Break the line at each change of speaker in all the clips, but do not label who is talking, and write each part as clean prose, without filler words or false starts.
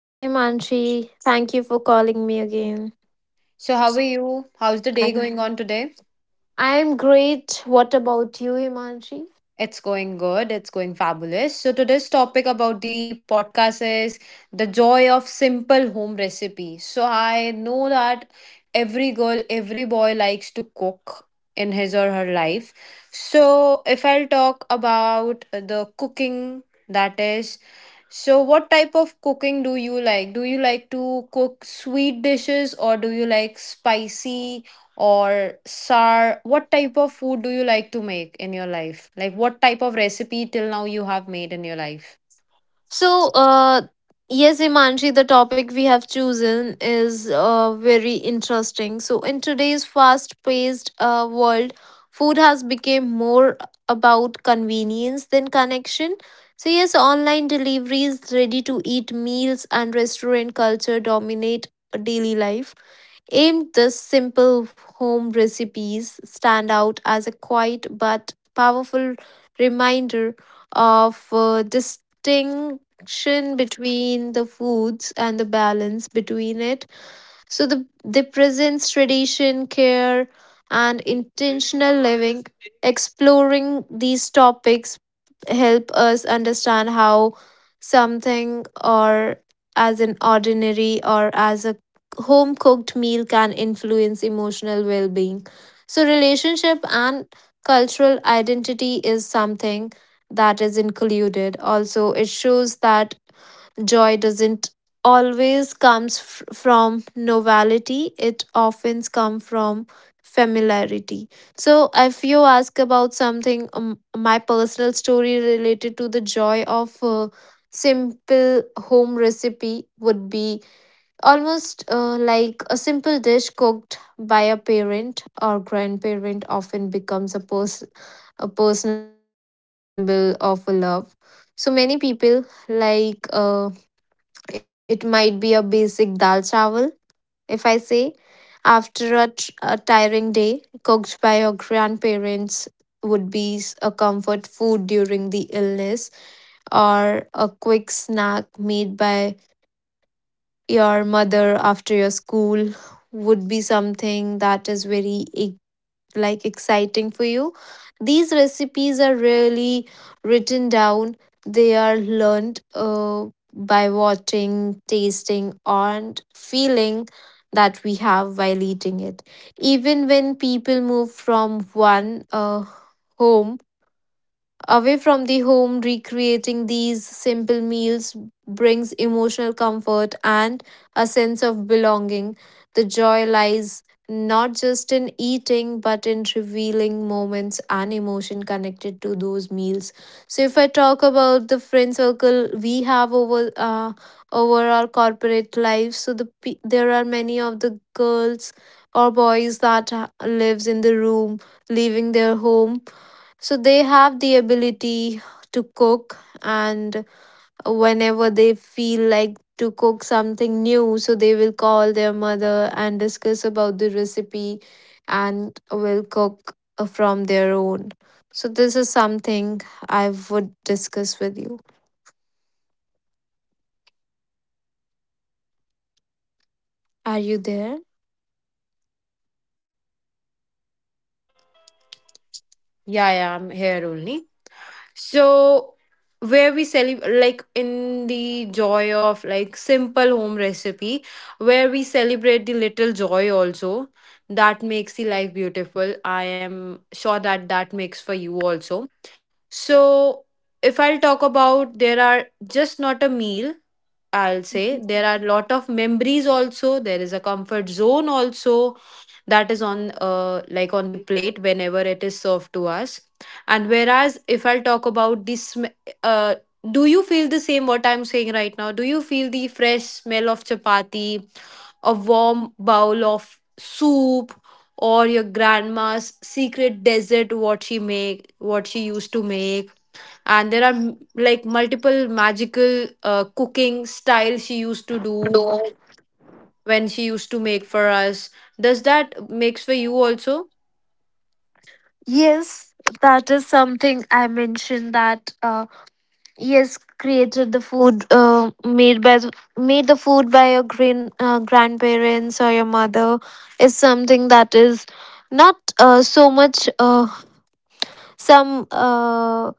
Hi, Manshi. Thank you for calling me again.
So, how are you? How's the day
I'm
going on today?
I'm great. What about you, Imanshi?
It's going good. It's going fabulous. So, today's topic about the podcast is the joy of simple home recipe. So, I know that every girl, every boy likes to cook in his or her life. So, if I'll talk about the cooking, that is. So, what type of cooking do you like? Do you like to cook sweet dishes or do you like spicy or sour? What type of food do you like to make in your life? Like, what type of recipe till now you have made in your life?
So, yes, Imanshi, the topic we have chosen is very interesting. So, in today's fast-paced world, food has become more about convenience than connection. So, yes, online deliveries, ready-to-eat meals, and restaurant culture dominate daily life aimed this simple home recipes stand out as a quiet but powerful reminder of distinction between the foods and the balance between it. So they presents tradition, care, and intentional living. Exploring these topics help us understand how something or as an ordinary or as a home cooked meal can influence emotional well being. So relationship and cultural identity is something that is included. Also, it shows that joy doesn't always comes from novelty. It often comes from familiarity. So if you ask about something my personal story related to the joy of simple home recipe would be almost like a simple dish cooked by a parent or grandparent often becomes a personal symbol of love. So many people like it might be a basic dal chawal, if I say, after a tiring day, cooked by your grandparents would be a comfort food during the illness, or a quick snack made by your mother after your school would be something that is very like exciting for you. These recipes are really written down. They are learned by watching, tasting, and feeling that we have while eating it. Even when people move from one home away from the home, recreating these simple meals brings emotional comfort and a sense of belonging. The joy lies not just in eating, but in revealing moments and emotion connected to those meals. So, if I talk about the friend circle we have over our corporate life, so there are many of the girls or boys that lives in the room, leaving their home, so they have the ability to cook, and whenever they feel like to cook something new, so they will call their mother and discuss about the recipe and will cook from their own. So this is something I would discuss with you. Are you there?
Yeah, yeah, I'm here only. So, where we celebrate, like in the joy of like simple home recipe, where we celebrate the little joy also that makes the life beautiful. I am sure that that makes for you also. So, if I'll talk about, there are just not a meal, I'll say there are lot of memories also. There is a comfort zone also that is on like on the plate whenever it is served to us. And whereas if I'll talk about this, uh, do you feel the same what I'm saying right now? Do you feel the fresh smell of chapati, a warm bowl of soup, or your grandma's secret dessert, what she make, what she used to make, and there are like multiple magical cooking styles she used to do
No.
when she used to make for us? Does that makes for you also?
Yes, that is something I mentioned that yes, created the food made the food by your grandparents or your mother is something that is not so much some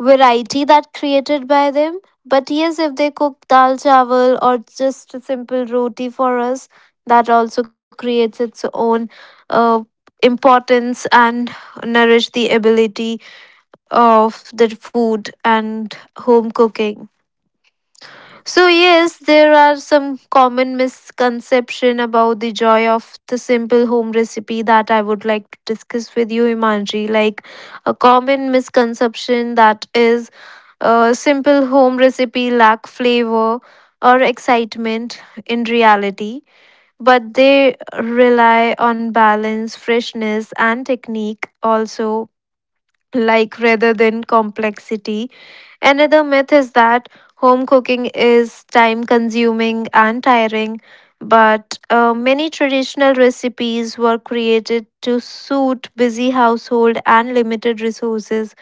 variety that created by them. But yes, if they cook dal chawal or just a simple roti for us, that also creates its own uh, importance and nourish the ability of the food and home cooking. So yes, there are some common misconception about the joy of the simple home recipe that I would like to discuss with you, Imanji. Like a common misconception that is a simple home recipe lack flavor or excitement in reality, but they rely on balance, freshness, and technique also like rather than complexity. Another myth is that home cooking is time consuming and tiring, but many traditional recipes were created to suit busy household and limited resources.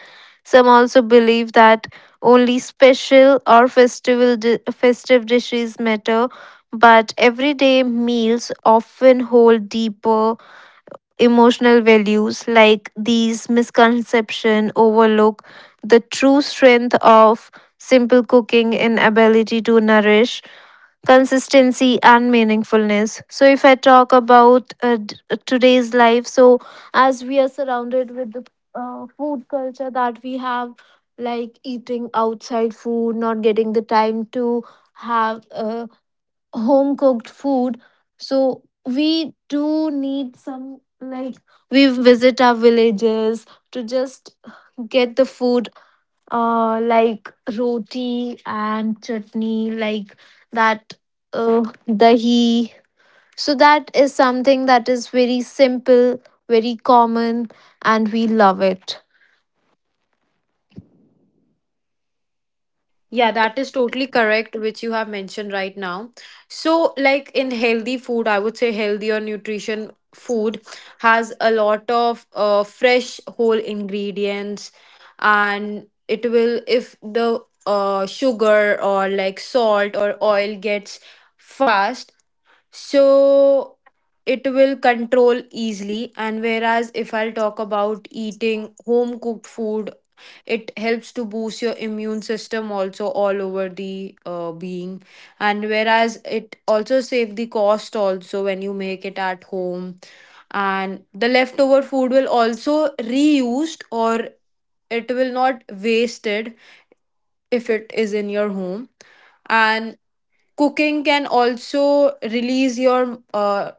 Some also believe that only special or festival festive dishes matter, but everyday meals often hold deeper emotional values like these misconception overlook the true strength of simple cooking and ability to nourish consistency and meaningfulness. So if I talk about today's life, so as we are surrounded with the food culture that we have, like eating outside food, not getting the time to have home cooked food, so we do need some, like we visit our villages to just get the food like roti and chutney, like that dahi, so that is something that is very simple, very common, and we love it.
Yeah, that is totally correct which you have mentioned right now. So, like in healthy food, I would say healthy or nutrition food has a lot of fresh whole ingredients, and it will, if the sugar or like salt or oil gets fast, so it will control easily. And whereas if I'll talk about eating home cooked food, it helps to boost your immune system also all over the being. And whereas it also save the cost also when you make it at home, and the leftover food will also reused or it will not wasted if it is in your home. And cooking can also release your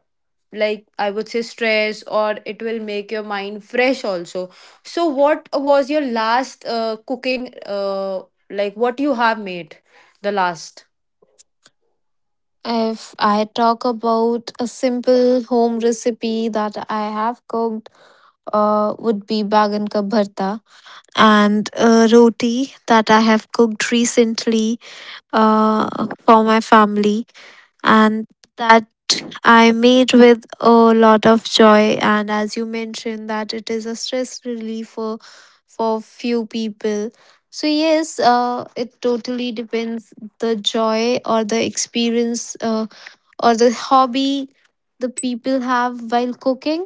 like I would say stress, or it will make your mind fresh also. So, what was your last cooking, like what you have made the last?
If I talk about a simple home recipe that I have cooked, would be bagan ka bharta and a roti that I have cooked recently for my family, and that I made with a lot of joy. And as you mentioned, that it is a stress reliever for few people. So yes, it totally depends the joy or the experience or the hobby the people have while cooking.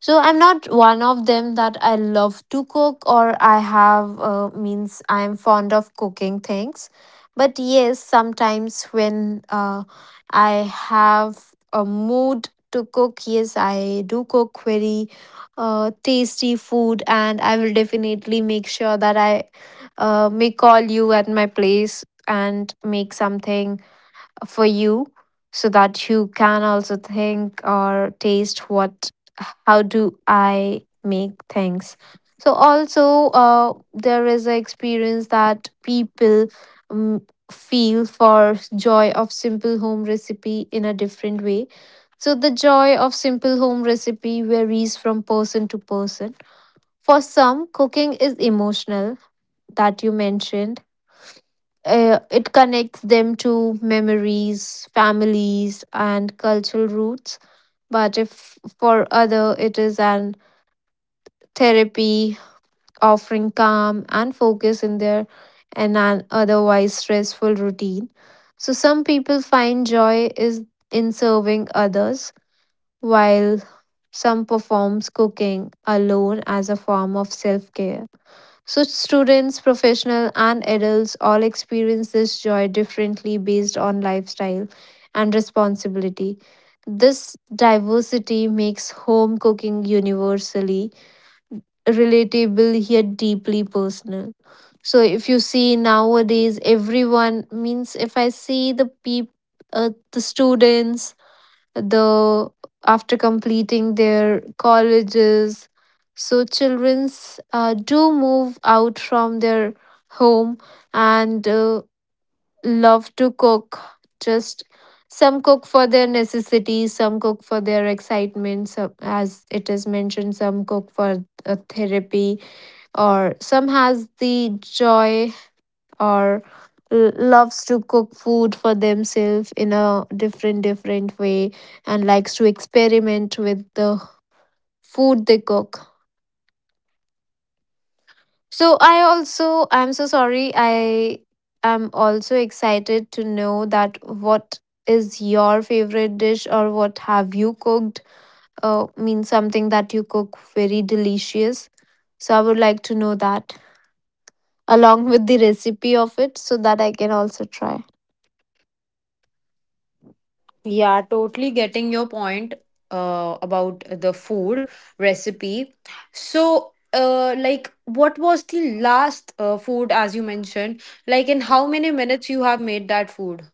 So I'm not one of them that I love to cook or I have means I am fond of cooking things. But yes, sometimes when I have a mood to cook, yes, I do cook very tasty food, and I will definitely make sure that I may call you at my place and make something for you so that you can also think or taste what how do I make things. So also there is an experience that people um, feel for joy of simple home recipe in a different way. So the joy of simple home recipe varies from person to person. For some, cooking is emotional, that you mentioned, it connects them to memories, families, and cultural roots. But if for other, it is an therapy offering calm and focus in their and an otherwise stressful routine. So some people find joy is in serving others, while some performs cooking alone as a form of self care. So, students, professionals, and adults all experience this joy differently based on lifestyle and responsibility. This diversity makes home cooking universally relatable yet deeply personal. So, if you see nowadays, everyone means if I see the students, the after completing their colleges, so childrens do move out from their home and love to cook, just some cook for their necessities, some cook for their excitement, some, as it is mentioned, some cook for therapy, or some has the joy or loves to cook food for themselves in a different way and likes to experiment with the food they cook. So I'm so sorry, I am also excited to know that what is your favorite dish or what have you cooked, means something that you cook very delicious, so I would like to know that along with the recipe of it so that I can also try.
Yeah, totally getting your point about the food recipe. So, like, what was the last food, as you mentioned? Like, in how many minutes you have made that food?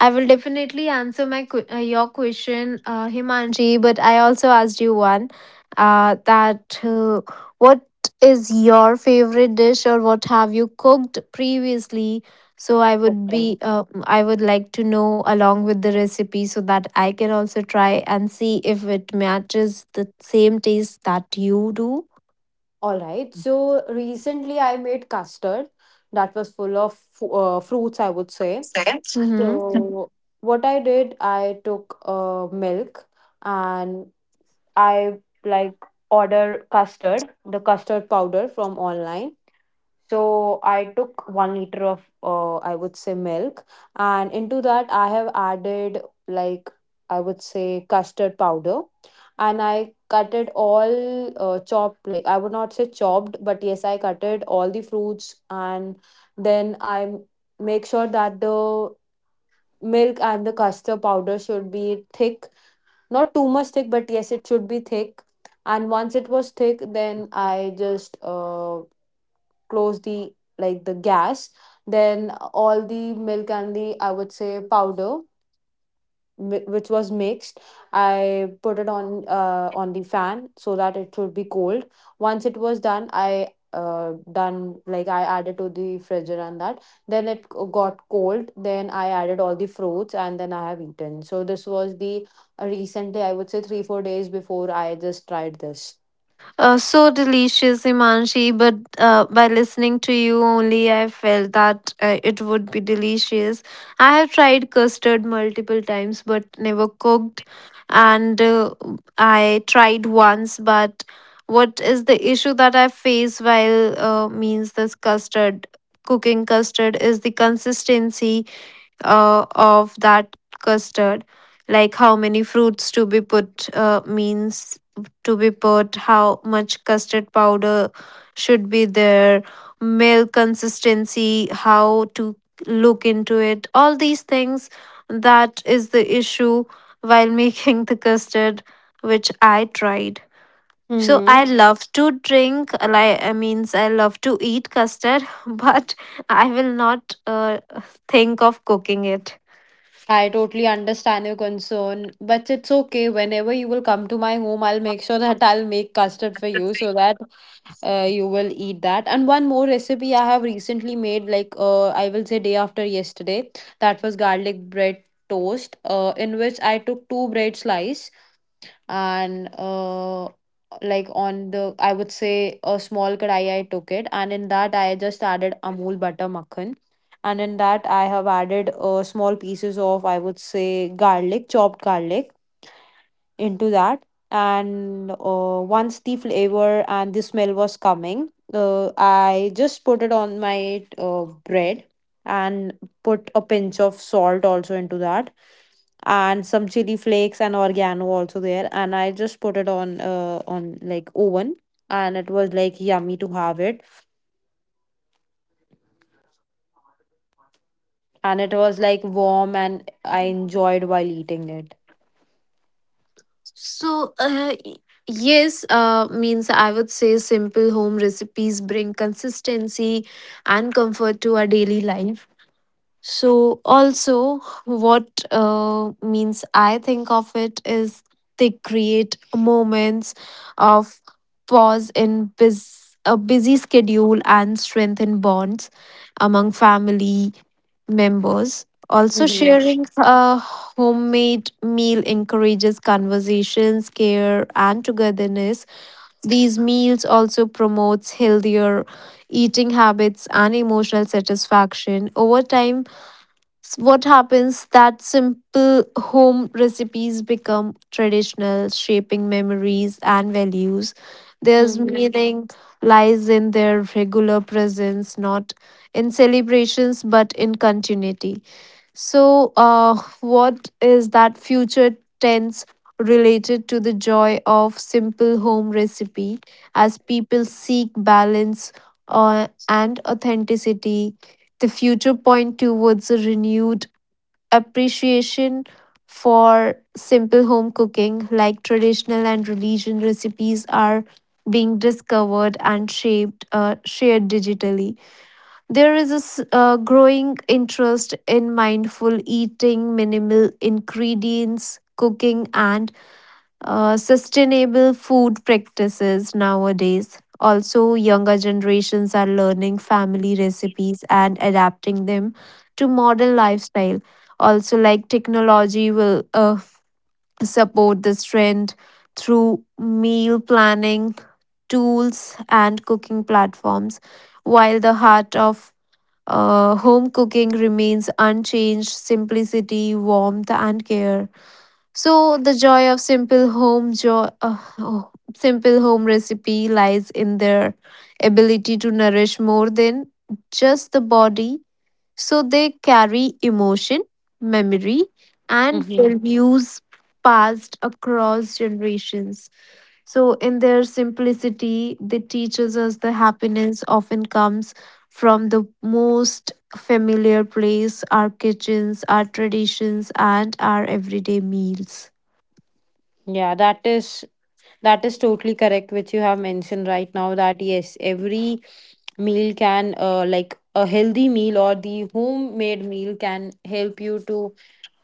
I will definitely answer your question, Himanji. But I also asked you one that what is your favorite dish or what have you cooked previously? So I would be
Um,
uh, I would like to know along with the recipe so that I can also try and see if it matches the same taste that you do.
All right. So, recently I made custard that was full of fruits, I would say.
Mm-hmm.
So, what I did, I took milk and I like order custard, the custard powder from online. So I took 1 liter of I would say milk, and into that I have added like I would say custard powder, and I cut it all chopped, like I would not say chopped, but yes I cutted all the fruits, and then I make sure that the milk and the custard powder should be thick, not too much thick, but yes it should be thick. And once it was thick, then I just close the like the gas, then all the milk and the I would say powder which was mixed, I put it on the fan so that it should be cold. Once it was done, I done like I added to the freezer, and that then it got cold, then I added all the fruits and then I have eaten. So this was the recently I would say 3 4 days before I just tried this.
So delicious, Imanshi. But by listening to you only, I felt that it would be delicious. I have tried custard multiple times, but never cooked. And I tried once, but what is the issue that I face while means this custard? Cooking custard is the consistency of that custard, like how many fruits to be put, means to be put, how much custard powder should be there, milk consistency, how to look into it, all these things, that is the issue while making the custard which I tried. So
Mm-hmm.
I love to drink, like I love to eat custard but I will not think of cooking it.
I totally understand your concern, but it's okay. Whenever you will come to my home, I'll make sure that I'll make custard for you so that you will eat that. And one more recipe I have recently made, like I will say day after yesterday, that was garlic bread toast, in which I took two bread slice and like on the I would say a small kadai, I took it, and in that I just added Amul butter makhan, and in that I have added small pieces of I would say garlic, chopped garlic, into that. And once the flavor and the smell was coming, I just put it on my bread and put a pinch of salt also into that, and some chili flakes and oregano also there, and I just put it on like oven, and it was like yummy to have it, and it was like warm and I enjoyed while eating it.
So, yes, means I would say simple home recipes bring consistency and comfort to our daily life. So, also, what means I think of it is they create moments of pause in a busy schedule and strengthen bonds among family members. Also,
Mm-hmm.
sharing a homemade meal encourages conversations, care, and togetherness. These meals also promotes healthier eating habits and emotional satisfaction. Over time, what happens that simple home recipes become traditional, shaping memories and values. There's
Mm-hmm.
meaning lies in their regular presence, not in celebrations but in continuity. So, what is that future tense related to the joy of simple home recipe as people seek balance and authenticity? The future point towards a renewed appreciation for simple home cooking, like traditional and religion recipes, are being discovered and shared digitally. There is a growing interest in mindful eating, minimal ingredients, cooking, and sustainable food practices nowadays. Also, younger generations are learning family recipes and adapting them to modern lifestyle. Also, like technology will support this trend through meal planning tools and cooking platforms, while the heart of home cooking remains unchanged simplicity, warmth, and care. So, the joy of simple home recipe lies in their ability to nourish more than just the body. So, they carry emotion, memory, and
Mm-hmm.
values passed across generations. So, in their simplicity, they teaches us the happiness often comes from the most familiar place our kitchens, our traditions, and our everyday meals.
Yeah, that is, that is totally correct, which you have mentioned right now, that yes, every meal can, like a healthy meal or the homemade meal, can help you to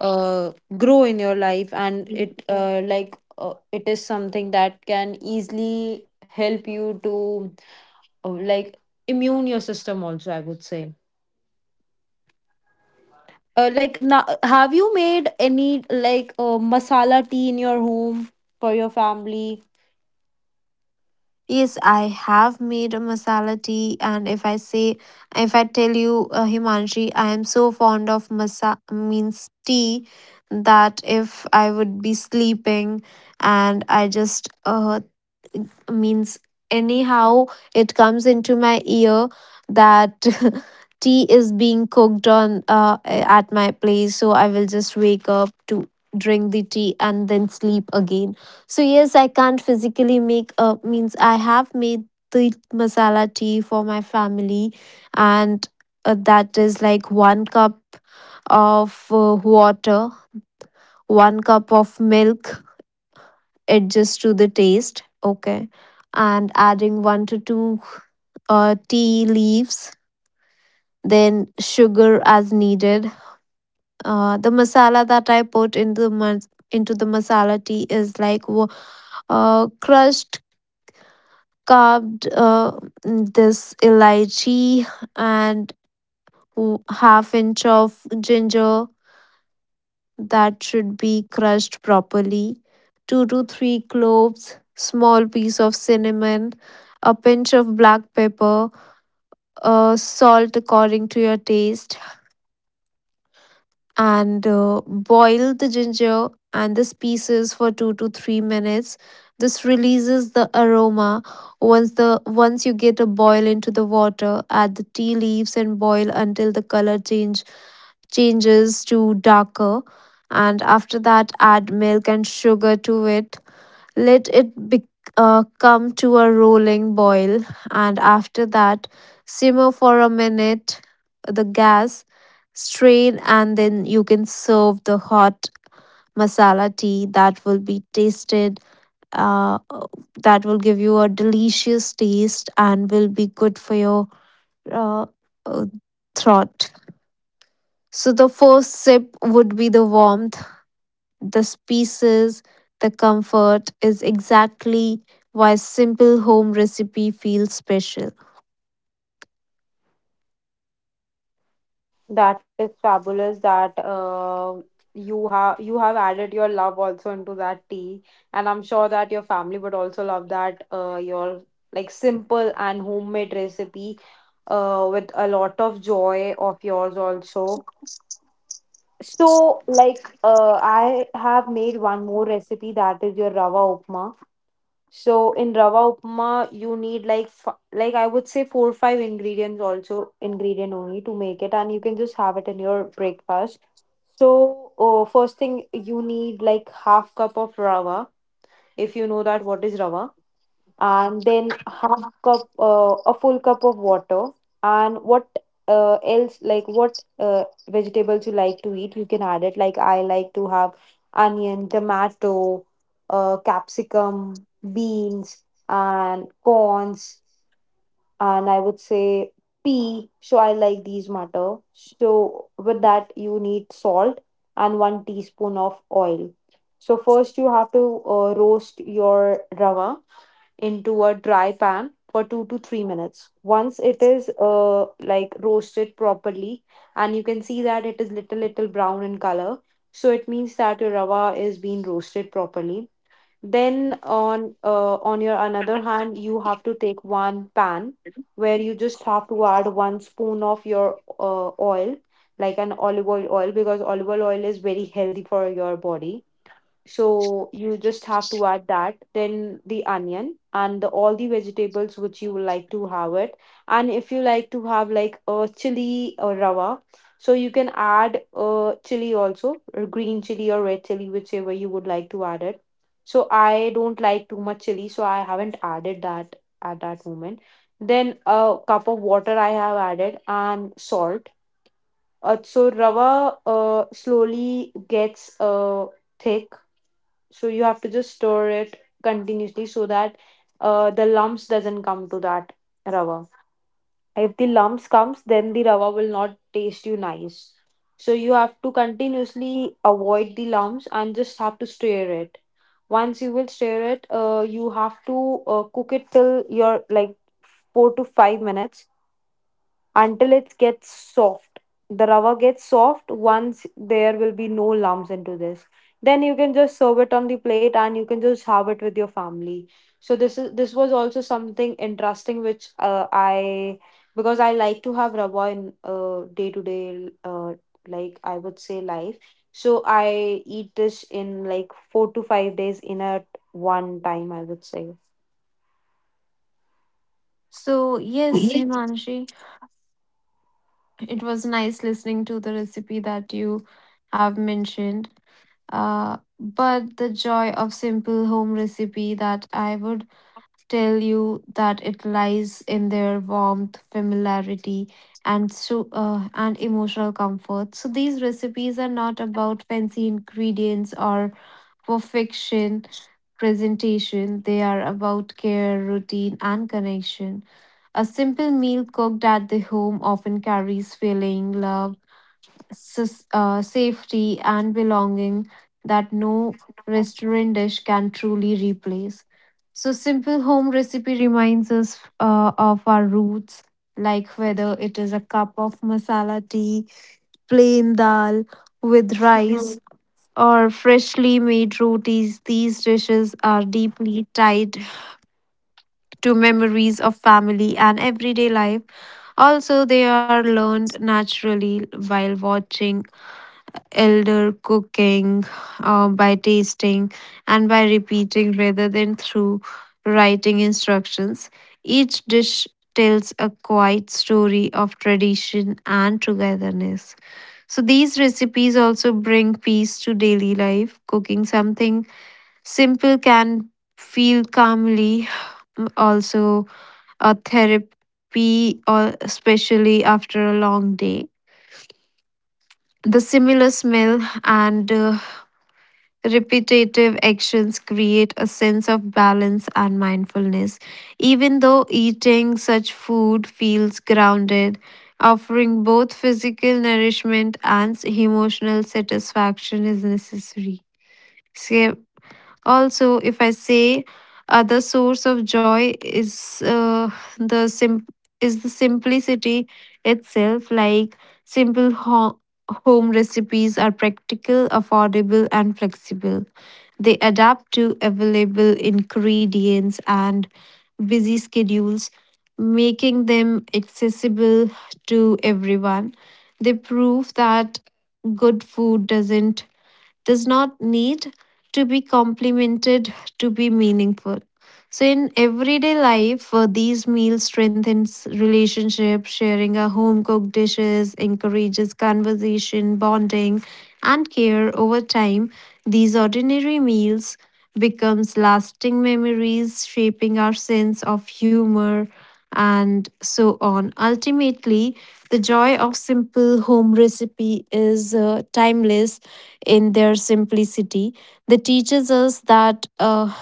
uh, grow in your life, and it like it is something that can easily help you to like immune your system also, I would say. Like now, have you made any like masala tea in your home for your family?
Yes, I have made a masala tea, and if I tell you, Himanshi, I am so fond of masa means tea that if I would be sleeping and I just means anyhow it comes into my ear that tea is being cooked on at my place, so I will just wake up to drink the tea and then sleep again. So yes, I can't physically make means I have made the masala tea for my family, and that is like one cup of water, one cup of milk, adjust to the taste. Okay. And adding one to two tea leaves, then sugar as needed. The masala that I put in the into the masala tea is like crushed, carved this elaichi and half inch of ginger that should be crushed properly. 2 to 3 cloves, small piece of cinnamon, a pinch of black pepper, salt according to your taste, and boil the ginger and these pieces for 2 to 3 minutes. This releases the aroma. Once the once you get a boil into the water, add the tea leaves and boil until the color change changes to darker, and after that add milk and sugar to it. Let it be, come to a rolling boil, and after that, simmer for a minute the gas, strain, and then you can serve the hot masala tea that will be tasted. Uh, that will give you a delicious taste and will be good for your uh, uh, throat. So the first sip would be the warmth, the spaces, the comfort is exactly why simple home recipe feels special.
That is fabulous that you have added your love also into that tea, and I'm sure that your family would also love that your like simple and homemade recipe with a lot of joy of yours also. So like I have made one more recipe, that is your rava upma. So in rava upma, you need like like I would say four or five ingredients, also ingredient only, to make it, and you can just have it in your breakfast. So first thing you need like half cup of rava, if you know that what is rava, and then half cup a full cup of water, and what else, like what vegetables you like to eat, you can add it. Like, I like to have onion, tomato, capsicum, beans and corns, and I would say pea. So I like these matter. So with that, you need salt and one teaspoon of oil. So first, you have to roast your rava into a dry pan for 2 to 3 minutes. Once it is like roasted properly, and you can see that it is little little brown in color, so it means that your rava is being roasted properly. Then on your another hand, you have to take one pan where you just have to add one spoon of your oil, like an olive oil, because olive oil is very healthy for your body, so you just have to add that. Then the onion and the all the vegetables which you would like to have it, and if you like to have like a chili or rava, so you can add a chili also, or green chili or red chili, whichever you would like to add it. So I don't like too much chili, so I haven't added that at that moment. Then a cup of water I have added and salt. So rava slowly gets thick, so you have to just stir it continuously so that the lumps doesn't come to that rava. If the lumps comes, then the rava will not taste you nice, so you have to continuously avoid the lumps and just have to stir it. Once you will stir it, you have to cook it till your like 4 to 5 minutes until it gets soft. The rava gets soft once there will be no lumps into this. Then you can just serve it on the plate and you can just have it with your family. So this is, this was also something interesting which I, because I like to have rava in day to day like I would say life. So I eat this in like 4 to 5 days in at one time, I would say.
So, yes,
Yes.
Himanshi, it was nice listening to the recipe that you have mentioned. But the joy of simple home recipe that I would tell you that it lies in their warmth, familiarity, and emotional comfort. So these recipes are not about fancy ingredients or perfection presentation. They are about care, routine, and connection. A simple meal cooked at the home often carries feeling, love, safety, and belonging that no restaurant dish can truly replace. So, simple home recipe reminds us of our roots, like whether it is a cup of masala tea, plain dal with rice, or freshly made rotis, these dishes are deeply tied to memories of family and everyday life. Also, they are learned naturally while watching elder cooking, by tasting, and by repeating rather than through writing instructions. Each dish tells a quiet story of tradition and togetherness. So, these recipes also bring peace to daily life. Cooking something simple can feel calmly, also a therapy, or especially after a long day. The similar smell and repetitive actions create a sense of balance and mindfulness. Even though eating such food feels grounded, offering both physical nourishment and emotional satisfaction is necessary. So, also, if I say other source of joy is the sim- is the simplicity itself, like simple home recipes are practical, affordable, and flexible. They adapt to available ingredients and busy schedules, making them accessible to everyone. They prove that good food does not need to be complemented to be meaningful. So in everyday life, these meals strengthens relationships, sharing our home cooked dishes, encourages conversation, bonding, and care over time. These ordinary meals becomes lasting memories, shaping our sense of humor and so on. Ultimately, the joy of simple home recipe is timeless in their simplicity. They teaches us that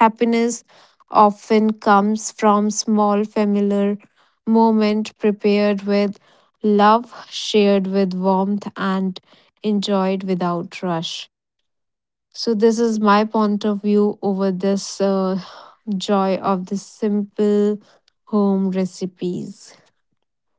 happiness often comes from small familiar moment prepared with love, shared with warmth, and enjoyed without rush. So this is my point of view over this joy of the simple home recipes.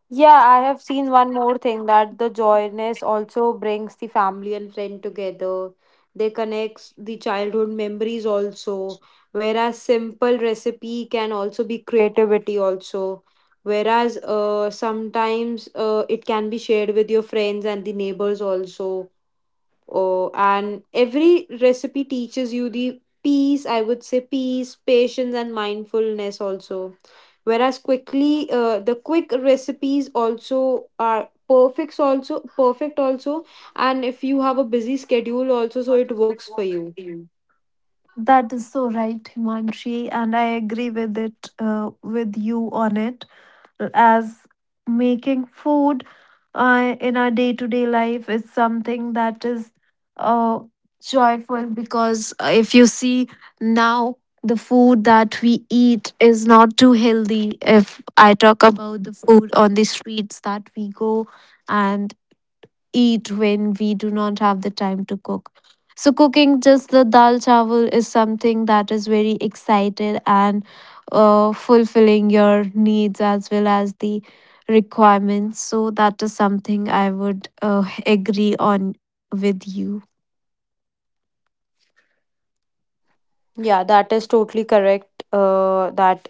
Yeah, I have seen one more thing, that the joyness also brings the family and friend together. They connects the childhood memories also, whereas simple recipe can also be creativity also. Whereas sometimes it can be shared with your friends and the neighbors also. Oh, and every recipe teaches you the peace, I would say peace, patience, and mindfulness also. Whereas quickly the quick recipes also are perfects also, perfect also, and if you have a busy schedule also, so it works for you.
That is so right, Himanshi, and I agree with it, with you on it. As making food in our day to day life is something that is uh, joyful, because if you see now, the food that we eat is not too healthy. If I talk about the food on the streets that we go, and eat when we do not have the time to cook. So cooking just the dal chawal is something that is very excited and fulfilling your needs as well as the requirements. So that is something I would agree on with you.
Yeah, that is totally correct, that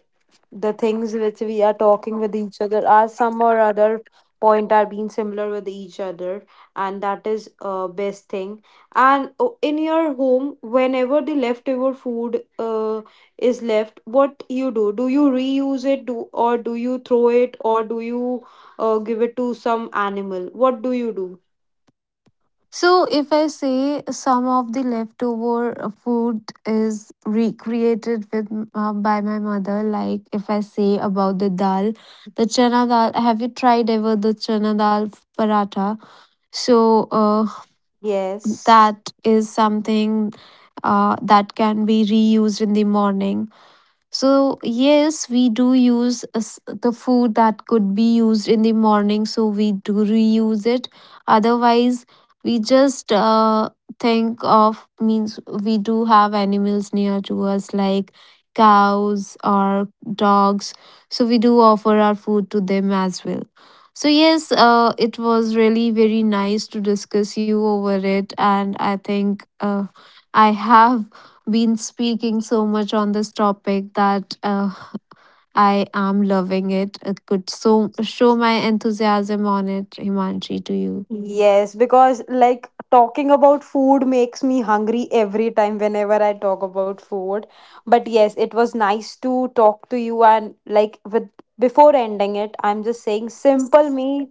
the things which we are talking with each other are some or other point are being similar with each other, and that is best thing. And in your home, whenever the leftover food is left, what you do? Do you reuse it, do, or do you throw it, or do you give it to some animal? What do you do?
So, if I say some of the leftover food is recreated with by my mother, like if I say about the dal, the chana dal. Have you tried ever the chana dal paratha? So,
Yes.
that is something that can be reused in the morning. So, yes, we do use the food that could be used in the morning, so we do reuse it. Otherwise, we just think of means we do have animals near to us, like cows or dogs, so we do offer our food to them as well. So, yes, it was really very nice to discuss you over it, and I think I have been speaking so much on this topic that I am loving it. It could so show my enthusiasm on it, Himanshi, to you.
Yes, because like talking about food makes me hungry every time whenever I talk about food. But yes, it was nice to talk to you, and like, with before ending it, I'm just saying simple meal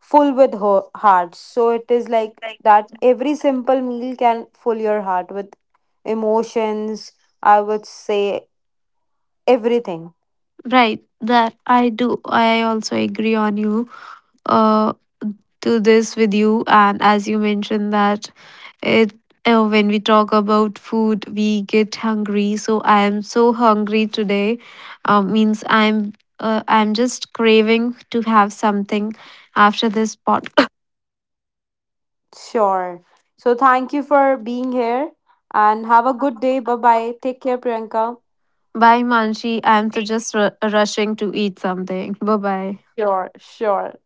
full with heart. So it is like that every simple meal can fill your heart with emotions, I would say everything.
Right, that I do. I also agree on you. Uh, to this with you, and as you mentioned that it. When we talk about food, we get hungry. So I am so hungry today. Means I'm just craving to have something after this podcast.
Sure. So thank you for being here and have a good day. Bye bye. Take care, Priyanka.
Bye, Manshi. I'm to just rushing to eat something. Bye bye.
Sure, sure.